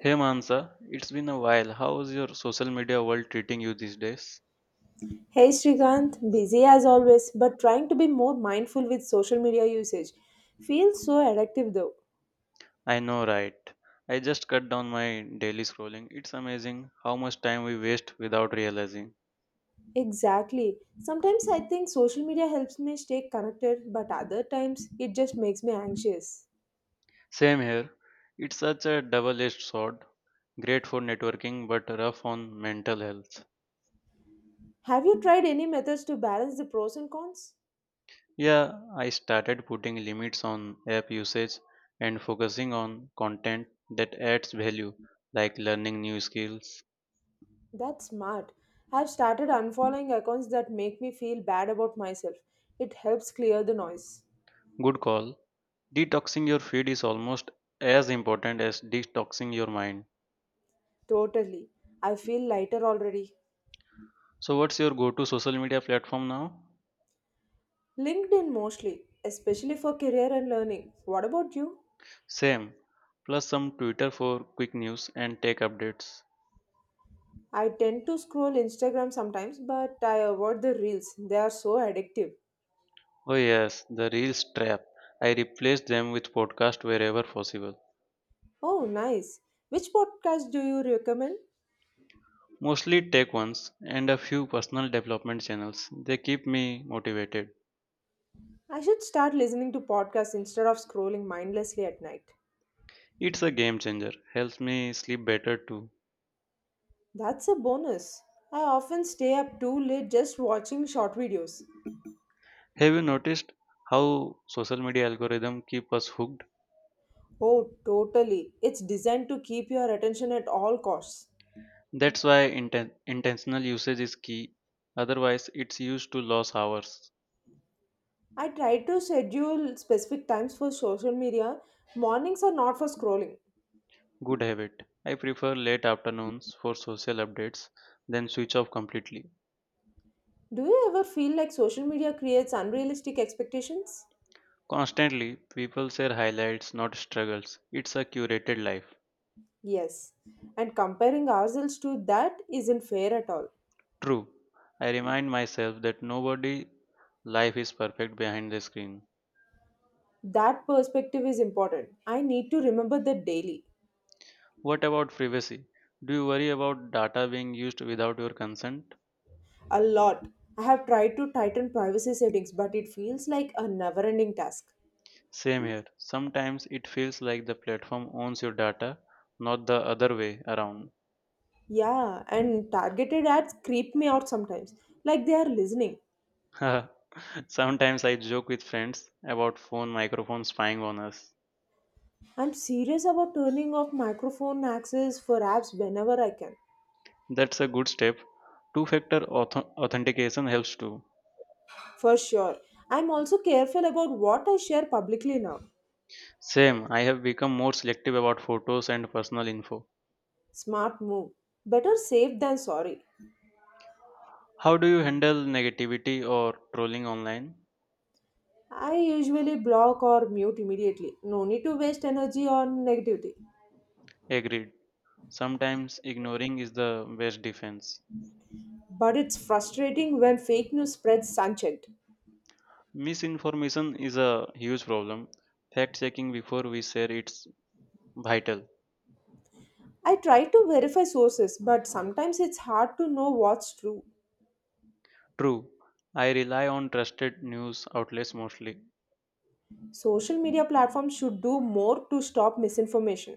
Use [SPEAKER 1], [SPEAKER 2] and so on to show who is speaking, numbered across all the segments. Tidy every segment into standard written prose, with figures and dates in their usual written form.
[SPEAKER 1] Hey Mansa, it's been a while. How's your social media world treating you these days?
[SPEAKER 2] Hey Srikanth, busy as always, but trying to be more mindful with social media usage. Feels so addictive though.
[SPEAKER 1] I know, right? I just cut down my daily scrolling. It's amazing how much time we waste without realizing.
[SPEAKER 2] Exactly. Sometimes I think social media helps me stay connected, but other times it just makes me anxious.
[SPEAKER 1] Same here. It's such a double edged sword. Great for networking, but rough on mental health.
[SPEAKER 2] Have you tried any methods to balance the pros and cons?
[SPEAKER 1] Yeah, I started putting limits on app usage and focusing on content that adds value, like learning new skills.
[SPEAKER 2] That's smart. I've started unfollowing accounts that make me feel bad about myself. It helps clear the noise.
[SPEAKER 1] Good call. Detoxing your feed is almost as important as detoxing your mind.
[SPEAKER 2] Totally. I feel lighter already.
[SPEAKER 1] So, what's your go to social media platform now?
[SPEAKER 2] LinkedIn mostly, especially for career and learning. What about you?
[SPEAKER 1] Same, plus some Twitter for quick news and tech updates.
[SPEAKER 2] I tend to scroll Instagram sometimes, but I avoid the reels. They are so addictive.
[SPEAKER 1] Oh, yes, the Reels trap. I replace them with podcast wherever possible.
[SPEAKER 2] Oh, nice. Which podcast do you recommend?
[SPEAKER 1] Mostly tech ones and a few personal development channels. They keep me motivated.
[SPEAKER 2] I should start listening to podcasts instead of scrolling mindlessly at night.
[SPEAKER 1] It's a game changer. Helps me sleep better too.
[SPEAKER 2] That's a bonus. I often stay up too late just watching short videos.
[SPEAKER 1] Have you noticed how social media algorithm keep us hooked?
[SPEAKER 2] Oh, totally. It's designed to keep your attention at all costs.
[SPEAKER 1] That's why intentional usage is key. Otherwise, it's used to lose hours.
[SPEAKER 2] I try to schedule specific times for social media. Mornings are not for scrolling.
[SPEAKER 1] Good habit. I prefer late afternoons for social updates than switch off completely.
[SPEAKER 2] Do you ever feel like social media creates unrealistic expectations?
[SPEAKER 1] Constantly, people share highlights, not struggles. It's a curated life.
[SPEAKER 2] Yes. And comparing ourselves to that isn't fair at all.
[SPEAKER 1] True. I remind myself that nobody life is perfect behind the screen.
[SPEAKER 2] That perspective is important. I need to remember that daily.
[SPEAKER 1] What about privacy? Do you worry about data being used without your consent?
[SPEAKER 2] A lot. I have tried to tighten privacy settings, but it feels like a never ending task.
[SPEAKER 1] Same here. Sometimes it feels like the platform owns your data, not the other way around.
[SPEAKER 2] Yeah, and targeted ads creep me out sometimes, like they are listening.
[SPEAKER 1] Sometimes I joke with friends about phone microphone spying on us.
[SPEAKER 2] I'm serious about turning off microphone access for apps whenever I can,
[SPEAKER 1] That's a good step. Two factor authentication helps too.
[SPEAKER 2] for sure. I'm also careful about what I share publicly now.
[SPEAKER 1] Same, I have become more selective about photos and personal info.
[SPEAKER 2] Smart move. Better safe than sorry.
[SPEAKER 1] How do you handle negativity or trolling online?
[SPEAKER 2] I usually block or mute immediately. No need to waste energy on negativity.
[SPEAKER 1] Agreed. Sometimes ignoring is the best defense.
[SPEAKER 2] But it's frustrating when fake news spreads unchecked.
[SPEAKER 1] Misinformation is a huge problem. Fact checking before we share it's vital.
[SPEAKER 2] I try to verify sources, but sometimes it's hard to know what's true.
[SPEAKER 1] True, I rely on trusted news outlets mostly.
[SPEAKER 2] Social media platforms should do more to stop misinformation.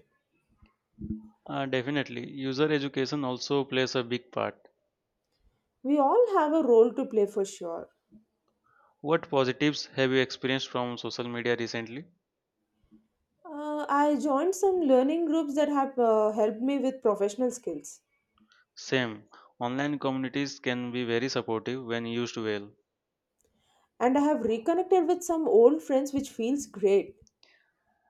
[SPEAKER 1] Definitely, user education also plays a big part.
[SPEAKER 2] We all have a role to play for sure.
[SPEAKER 1] What positives have you experienced from social media recently?
[SPEAKER 2] I joined some learning groups that have helped me with professional skills.
[SPEAKER 1] Same, online communities can be very supportive when used well.
[SPEAKER 2] And I have reconnected with some old friends, which feels great.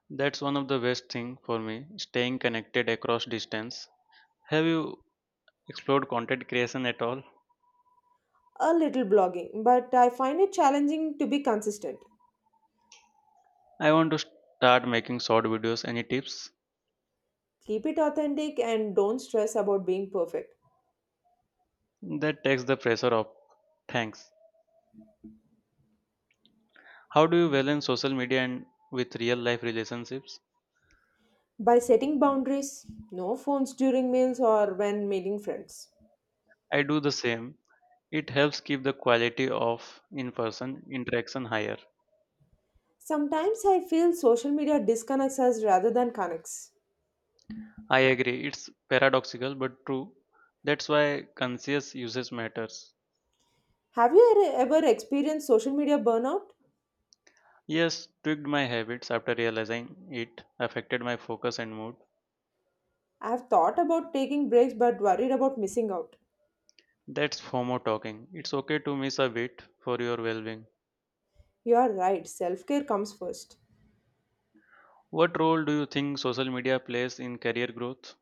[SPEAKER 1] That's one of the best thing for me, staying connected across distance. Have you explored content creation at all?
[SPEAKER 2] A little blogging, but I find it challenging to be consistent.
[SPEAKER 1] I want to start making short videos. Any tips?
[SPEAKER 2] Keep it authentic and don't stress about being perfect.
[SPEAKER 1] That takes the pressure off. Thanks. How do you balance social media and with real life relationships?
[SPEAKER 2] By setting boundaries, no phones during meals or when meeting friends.
[SPEAKER 1] I do the same. It helps keep the quality of in person interaction higher.
[SPEAKER 2] Sometimes I feel social media disconnects us rather than connects.
[SPEAKER 1] I agree. It's paradoxical but true. That's why conscious usage matters.
[SPEAKER 2] Have you ever experienced social media burnout?
[SPEAKER 1] Yes, tweaked my habits after realizing it affected my focus and mood.
[SPEAKER 2] I've thought about taking breaks but worried about missing out.
[SPEAKER 1] That's FOMO talking. It's okay to miss a bit for your well being.
[SPEAKER 2] You are right, self care comes first.
[SPEAKER 1] What role do you think social media plays in career growth?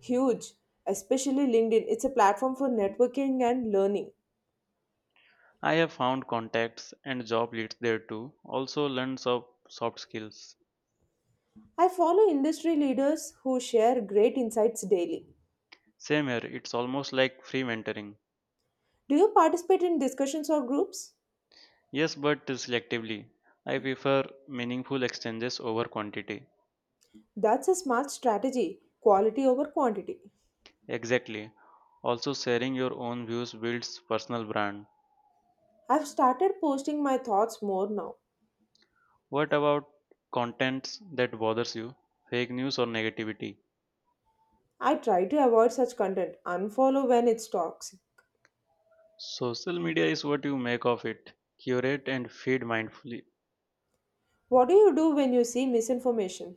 [SPEAKER 2] Huge, especially LinkedIn, it's a platform for networking and learning.
[SPEAKER 1] I have found contacts and job leads there too. Also learns of soft skills.
[SPEAKER 2] I follow industry leaders who share great insights daily.
[SPEAKER 1] Same here, it's almost like free mentoring.
[SPEAKER 2] Do you participate in discussions or groups?
[SPEAKER 1] Yes, but selectively. I prefer meaningful exchanges over quantity.
[SPEAKER 2] That's a smart strategy quality over quantity.
[SPEAKER 1] Exactly. Also sharing your own views builds personal brand.
[SPEAKER 2] I've started posting my thoughts more now.
[SPEAKER 1] What about contents that bothers you? Fake news or negativity?
[SPEAKER 2] I try to avoid such content, unfollow when it's toxic.
[SPEAKER 1] Social media is what you make of it. Curate and feed mindfully.
[SPEAKER 2] What do you do when you see misinformation?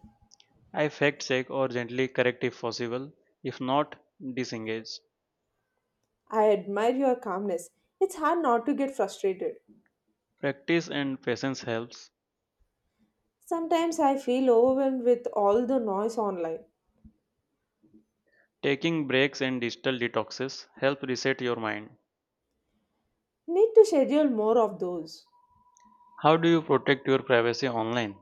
[SPEAKER 1] I fact check or gently correct if possible. If not, disengage.
[SPEAKER 2] I admire your calmness. It's hard not to get frustrated.
[SPEAKER 1] Practice and patience helps.
[SPEAKER 2] Sometimes I feel overwhelmed with all the noise online.
[SPEAKER 1] Taking breaks and digital detoxes help reset your mind.
[SPEAKER 2] Need to schedule more of those.
[SPEAKER 1] How do you protect your privacy online?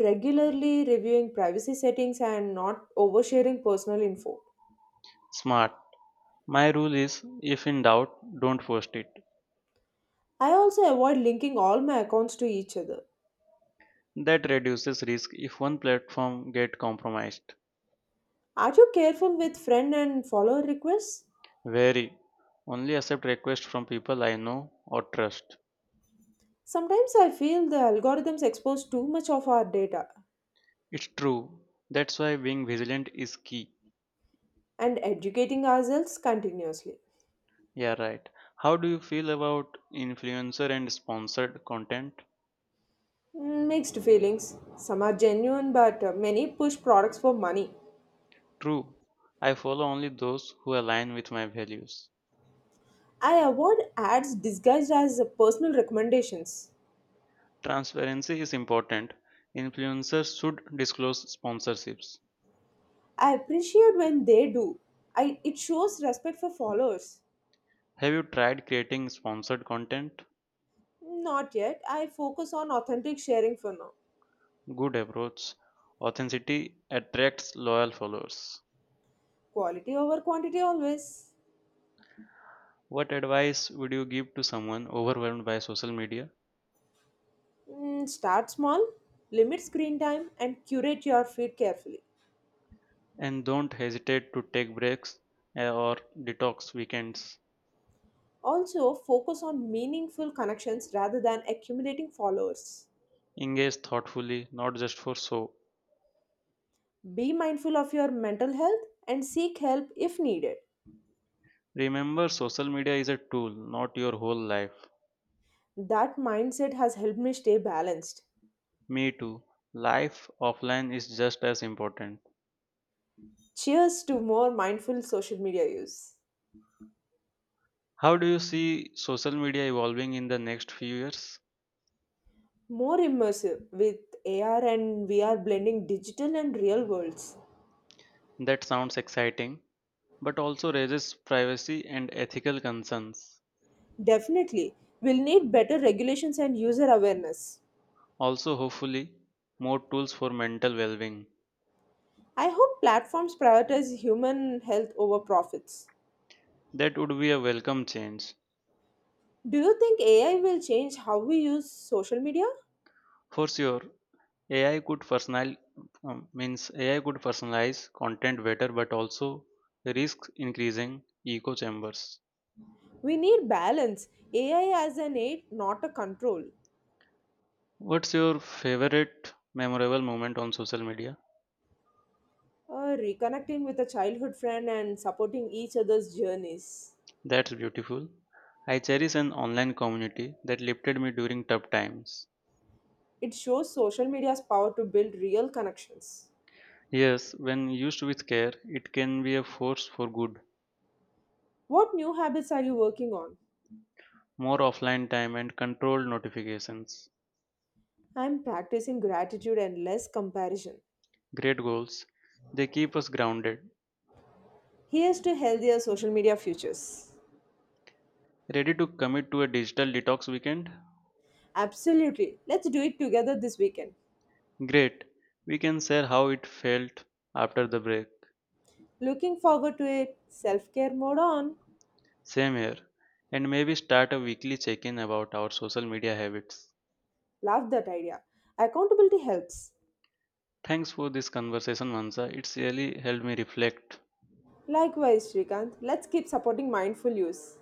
[SPEAKER 2] Regularly reviewing privacy settings and not oversharing personal info.
[SPEAKER 1] Smart. My rule is if in doubt, don't post it.
[SPEAKER 2] I also avoid linking all my accounts to each other.
[SPEAKER 1] That reduces risk if one platform get compromised.
[SPEAKER 2] Are you careful with friend and follower requests?
[SPEAKER 1] Very. Only accept requests from people I know or trust.
[SPEAKER 2] Sometimes I feel the algorithms expose too much of our data
[SPEAKER 1] It's true. That's why being vigilant is key.
[SPEAKER 2] and educating ourselves continuously.
[SPEAKER 1] Yeah, right. How do you feel about influencer and sponsored content?
[SPEAKER 2] Mm, mixed feelings. Some are genuine, but many push products for money.
[SPEAKER 1] True, I follow only those who align with my values.
[SPEAKER 2] I avoid ads disguised as personal recommendations.
[SPEAKER 1] Transparency is important. Influencers should disclose sponsorships.
[SPEAKER 2] I appreciate when they do. It shows respect for followers.
[SPEAKER 1] Have you tried creating sponsored content?
[SPEAKER 2] Not yet. I focus on authentic sharing for now.
[SPEAKER 1] Good approach. Authenticity attracts loyal followers.
[SPEAKER 2] Quality over quantity always.
[SPEAKER 1] What advice would you give to someone overwhelmed by social media?
[SPEAKER 2] Mm, start small, limit screen time, and curate your feed carefully.
[SPEAKER 1] And don't hesitate to take breaks or detox weekends.
[SPEAKER 2] Also, focus on meaningful connections rather than accumulating followers.
[SPEAKER 1] Engage thoughtfully, not just for show.
[SPEAKER 2] Be mindful of your mental health and seek help if needed.
[SPEAKER 1] Remember, social media is a tool, not your whole life.
[SPEAKER 2] That mindset has helped me stay balanced.
[SPEAKER 1] Me too. Life offline is just as important.
[SPEAKER 2] Cheers to more mindful social media use.
[SPEAKER 1] How do you see social media evolving in the next few years?
[SPEAKER 2] More immersive with AR and VR blending digital and real worlds.
[SPEAKER 1] That sounds exciting, but also raises privacy and ethical concerns.
[SPEAKER 2] Definitely, we'll need better regulations and user awareness.
[SPEAKER 1] Also, hopefully, more tools for mental well being.
[SPEAKER 2] I hope platforms prioritize human health over profits.
[SPEAKER 1] That would be a welcome change.
[SPEAKER 2] Do you think AI will change how we use social media?
[SPEAKER 1] For sure, AI could personal um, means AI could personalize content better, but also risks increasing echo chambers.
[SPEAKER 2] We need balance. AI as an aid, not a control.
[SPEAKER 1] What's your favorite memorable moment on social media?
[SPEAKER 2] Reconnecting with a childhood friend and supporting each other's journeys.
[SPEAKER 1] That's beautiful. I cherish an online community that lifted me during tough times.
[SPEAKER 2] It shows social media's power to build real connections.
[SPEAKER 1] Yes, when used with care, it can be a force for good.
[SPEAKER 2] What new habits are you working on?
[SPEAKER 1] More offline time and controlled notifications.
[SPEAKER 2] I'm practicing gratitude and less comparison.
[SPEAKER 1] Great goals. They keep us grounded.
[SPEAKER 2] Here's to healthier social media futures.
[SPEAKER 1] Ready to commit to a digital detox weekend?
[SPEAKER 2] Absolutely. Let's do it together this weekend.
[SPEAKER 1] Great. We can share how it felt after the break.
[SPEAKER 2] Looking forward to it. Self care mode on.
[SPEAKER 1] Same here. And maybe start a weekly check in about our social media habits.
[SPEAKER 2] Love that idea. Accountability helps.
[SPEAKER 1] Thanks for this conversation, Mansa. It's really helped me reflect.
[SPEAKER 2] Likewise, Srikanth, let's keep supporting mindful use.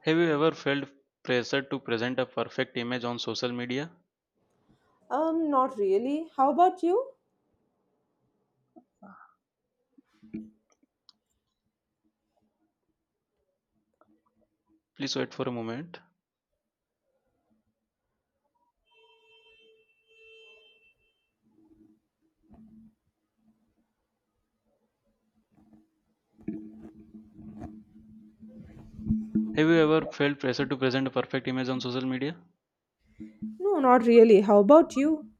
[SPEAKER 1] Have you ever felt pressure to present a perfect image on social media?
[SPEAKER 2] Not really. How about you?
[SPEAKER 1] Please wait for a moment. Have you ever felt pressure to present a perfect image on social media?
[SPEAKER 2] No, not really. How about you?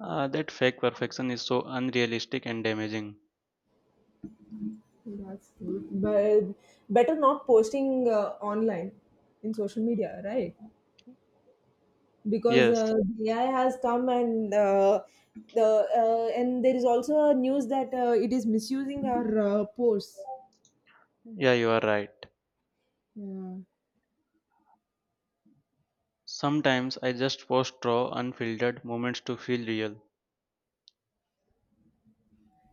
[SPEAKER 1] Ah, that fake perfection is so unrealistic and damaging.
[SPEAKER 2] That's good. But better not posting online in social media, right? Because
[SPEAKER 1] Yes,
[SPEAKER 2] AI has come the and there is also news that it is misusing our posts.
[SPEAKER 1] yeah, you are right.
[SPEAKER 2] Yeah.
[SPEAKER 1] Sometimes I just post raw, unfiltered moments to feel real.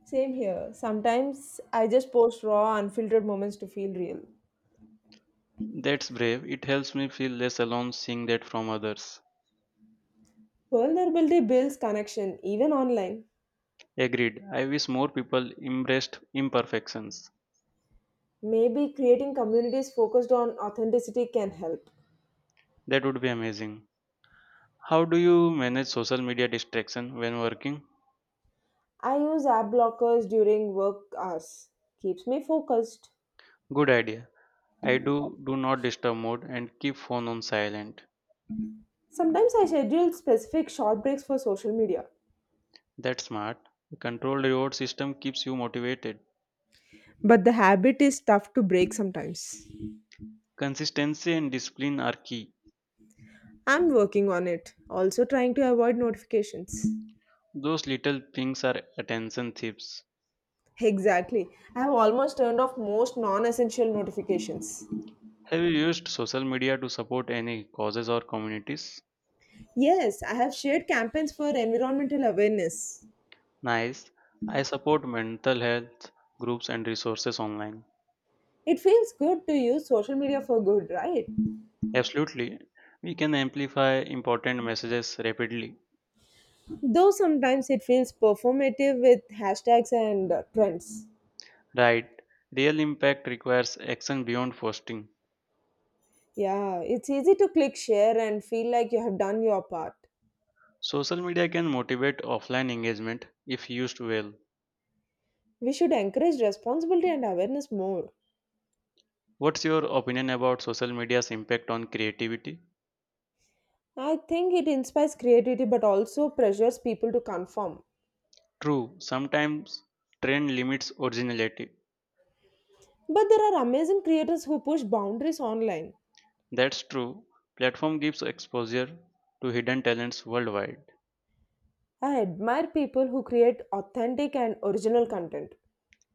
[SPEAKER 2] Same here. Sometimes I just post raw, unfiltered moments to feel real.
[SPEAKER 1] That's brave. It helps me feel less alone seeing that from others.
[SPEAKER 2] Vulnerability builds connection, even online.
[SPEAKER 1] Agreed. I wish more people embraced imperfections.
[SPEAKER 2] Maybe creating communities focused on authenticity can help.
[SPEAKER 1] That would be amazing. How do you manage social media distraction when working?
[SPEAKER 2] I use app blockers during work hours. Keeps me focused.
[SPEAKER 1] Good idea. I do not disturb mode and keep phone on silent.
[SPEAKER 2] Sometimes I schedule specific short breaks for social media.
[SPEAKER 1] That's smart. A controlled reward system keeps you motivated.
[SPEAKER 2] But the habit is tough to break sometimes.
[SPEAKER 1] Consistency and discipline are key.
[SPEAKER 2] I'm working on it. Also trying to avoid notifications.
[SPEAKER 1] Those little things are attention thieves.
[SPEAKER 2] Exactly. I have almost turned off most non essential notifications.
[SPEAKER 1] Have you used social media to support any causes or communities?
[SPEAKER 2] Yes, I have shared campaigns for environmental awareness.
[SPEAKER 1] Nice. I support mental health groups and resources online.
[SPEAKER 2] It feels good to use social media for good, right?
[SPEAKER 1] Absolutely. We can amplify important messages rapidly.
[SPEAKER 2] Though sometimes it feels performative with hashtags and trends.
[SPEAKER 1] Right. Real impact requires action beyond posting.
[SPEAKER 2] Yeah, it's easy to click share and feel like you have done your part.
[SPEAKER 1] Social media can motivate offline engagement if used well.
[SPEAKER 2] We should encourage responsibility and awareness more.
[SPEAKER 1] What's your opinion about social media's impact on creativity?
[SPEAKER 2] I think it inspires creativity but also pressures people to conform.
[SPEAKER 1] True, sometimes trend limits originality.
[SPEAKER 2] But there are amazing creators who push boundaries online.
[SPEAKER 1] That's true. Platform gives exposure to hidden talents worldwide.
[SPEAKER 2] I admire people who create authentic and original content.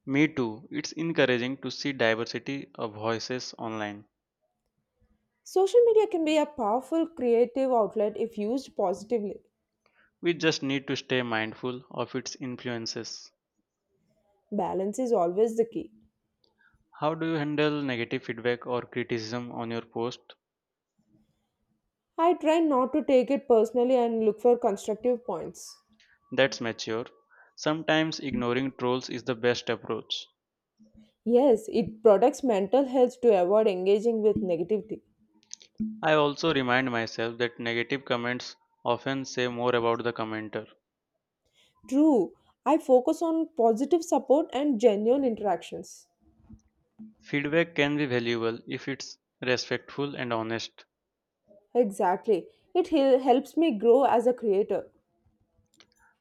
[SPEAKER 1] Me too. It's encouraging to see diversity of voices online.
[SPEAKER 2] Social media can be a powerful creative outlet if used positively.
[SPEAKER 1] We just need to stay mindful of its influences.
[SPEAKER 2] Balance is always the key.
[SPEAKER 1] How do you handle negative feedback or criticism on your post?
[SPEAKER 2] I try not to take it personally and look for constructive points.
[SPEAKER 1] That's mature. Sometimes ignoring trolls is the best approach.
[SPEAKER 2] Yes, it protects mental health to avoid engaging with negativity.
[SPEAKER 1] I also remind myself that negative comments often say more about the commenter.
[SPEAKER 2] True, I focus on positive support and genuine interactions.
[SPEAKER 1] Feedback can be valuable if it's respectful and honest.
[SPEAKER 2] Exactly. It helps me grow as a creator.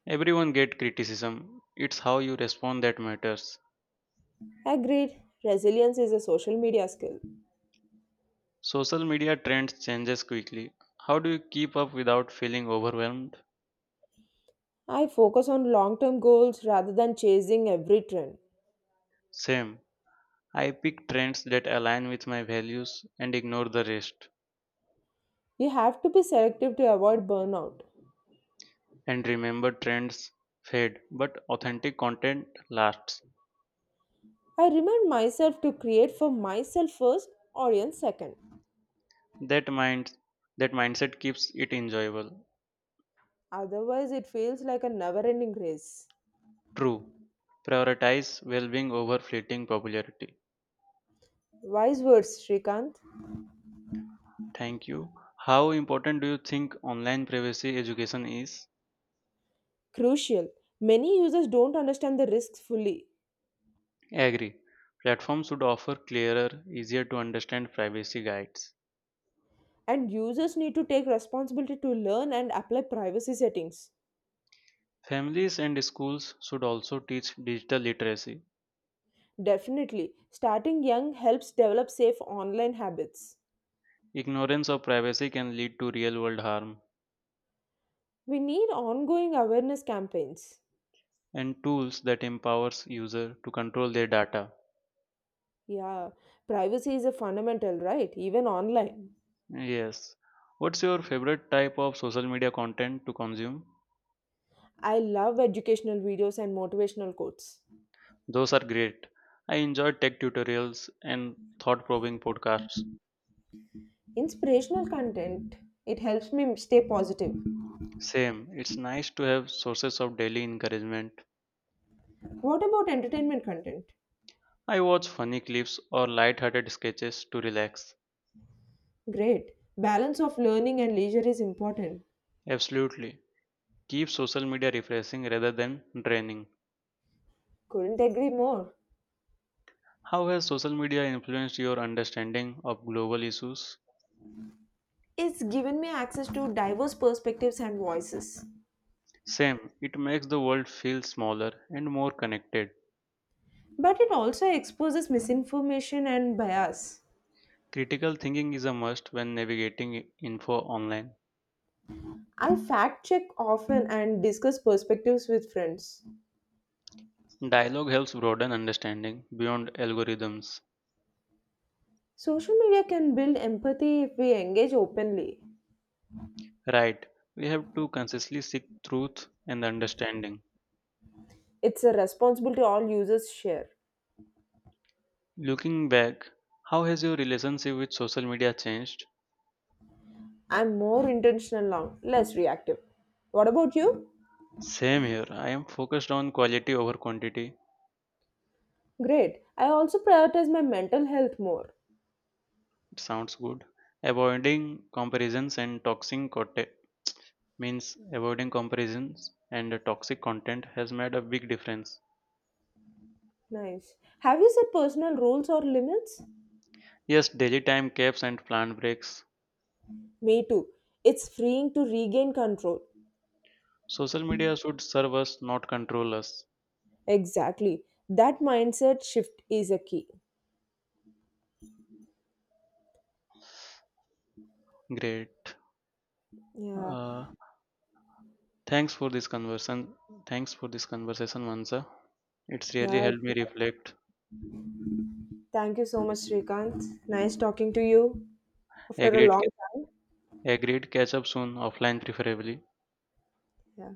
[SPEAKER 1] Everyone get criticism. It's how you respond that matters.
[SPEAKER 2] Agreed, resilience is a social media skill.
[SPEAKER 1] Social media trends changes quickly. How do you keep up without feeling overwhelmed?
[SPEAKER 2] I focus on long term goals rather than chasing every trend.
[SPEAKER 1] Same. I pick trends that align with my values and ignore the rest.
[SPEAKER 2] You have to be selective to avoid burnout.
[SPEAKER 1] And remember trends fade, but authentic content lasts.
[SPEAKER 2] I remind myself to create for myself first, audience second.
[SPEAKER 1] That mind that mindset keeps it enjoyable.
[SPEAKER 2] Otherwise, it feels like a never ending race.
[SPEAKER 1] True. Prioritize well-being over fleeting popularity.
[SPEAKER 2] Wise words, Srikanth.
[SPEAKER 1] Thank you. How important do you think online privacy education is?
[SPEAKER 2] Crucial. Many users don't understand the risks fully,
[SPEAKER 1] I agree. Platforms should offer clearer, easier to understand privacy guides.
[SPEAKER 2] and users need to take responsibility to learn and apply privacy settings.
[SPEAKER 1] Families and schools should also teach digital literacy.
[SPEAKER 2] Definitely, starting young helps develop safe online habits.
[SPEAKER 1] Ignorance of privacy can lead to real world harm
[SPEAKER 2] We need ongoing awareness campaigns.
[SPEAKER 1] and tools that empowers user to control their data.
[SPEAKER 2] Yeah, privacy is a fundamental, right? Even online.
[SPEAKER 1] Yes. What's your favorite type of social media content to consume?
[SPEAKER 2] I love educational videos and motivational quotes.
[SPEAKER 1] Those are great. I enjoy tech tutorials and thought-provoking podcasts.
[SPEAKER 2] Inspirational content, it helps me stay positive.
[SPEAKER 1] Same. It's nice to have sources of daily encouragement.
[SPEAKER 2] What about entertainment content?
[SPEAKER 1] I watch funny clips or light-hearted sketches to relax.
[SPEAKER 2] Great. Balance of learning and leisure is important.
[SPEAKER 1] Absolutely. Keep social media refreshing rather than draining.
[SPEAKER 2] Couldn't agree more.
[SPEAKER 1] How has social media influenced your understanding of global issues?
[SPEAKER 2] It's given me access to diverse perspectives and voices.
[SPEAKER 1] Same, it makes the world feel smaller and more connected.
[SPEAKER 2] But it also exposes misinformation and bias.
[SPEAKER 1] Critical thinking is a must when navigating info online.
[SPEAKER 2] I fact check often and discuss perspectives with friends.
[SPEAKER 1] Dialogue helps broaden understanding beyond algorithms.
[SPEAKER 2] Social media can build empathy if we engage openly.
[SPEAKER 1] Right, we have to consciously seek truth and understanding.
[SPEAKER 2] It's a responsibility all users share.
[SPEAKER 1] Looking back, how has your relationship with social media changed?
[SPEAKER 2] I'm more intentional now, less reactive. What about you?
[SPEAKER 1] Same here. I am focused on quality over quantity.
[SPEAKER 2] Great. I also prioritize my mental health more.
[SPEAKER 1] It sounds good. Avoiding comparisons and toxic content Avoiding comparisons and toxic content has made a big difference.
[SPEAKER 2] Nice. Have you set personal rules or limits?
[SPEAKER 1] Yes, daily time caps and planned breaks.
[SPEAKER 2] Me too. It's freeing to regain control.
[SPEAKER 1] Social media should serve us, not control us.
[SPEAKER 2] Exactly. That mindset shift is a key.
[SPEAKER 1] Great.
[SPEAKER 2] Yeah.
[SPEAKER 1] Uh, thanks for this conversation. Thanks for this conversation, Mansa. It's really
[SPEAKER 2] Yeah.
[SPEAKER 1] helped me reflect.
[SPEAKER 2] Thank you so much, Srikanth. Nice talking to you after a
[SPEAKER 1] Agreed
[SPEAKER 2] long time.
[SPEAKER 1] Agreed, catch up soon, offline preferably.
[SPEAKER 2] Yeah.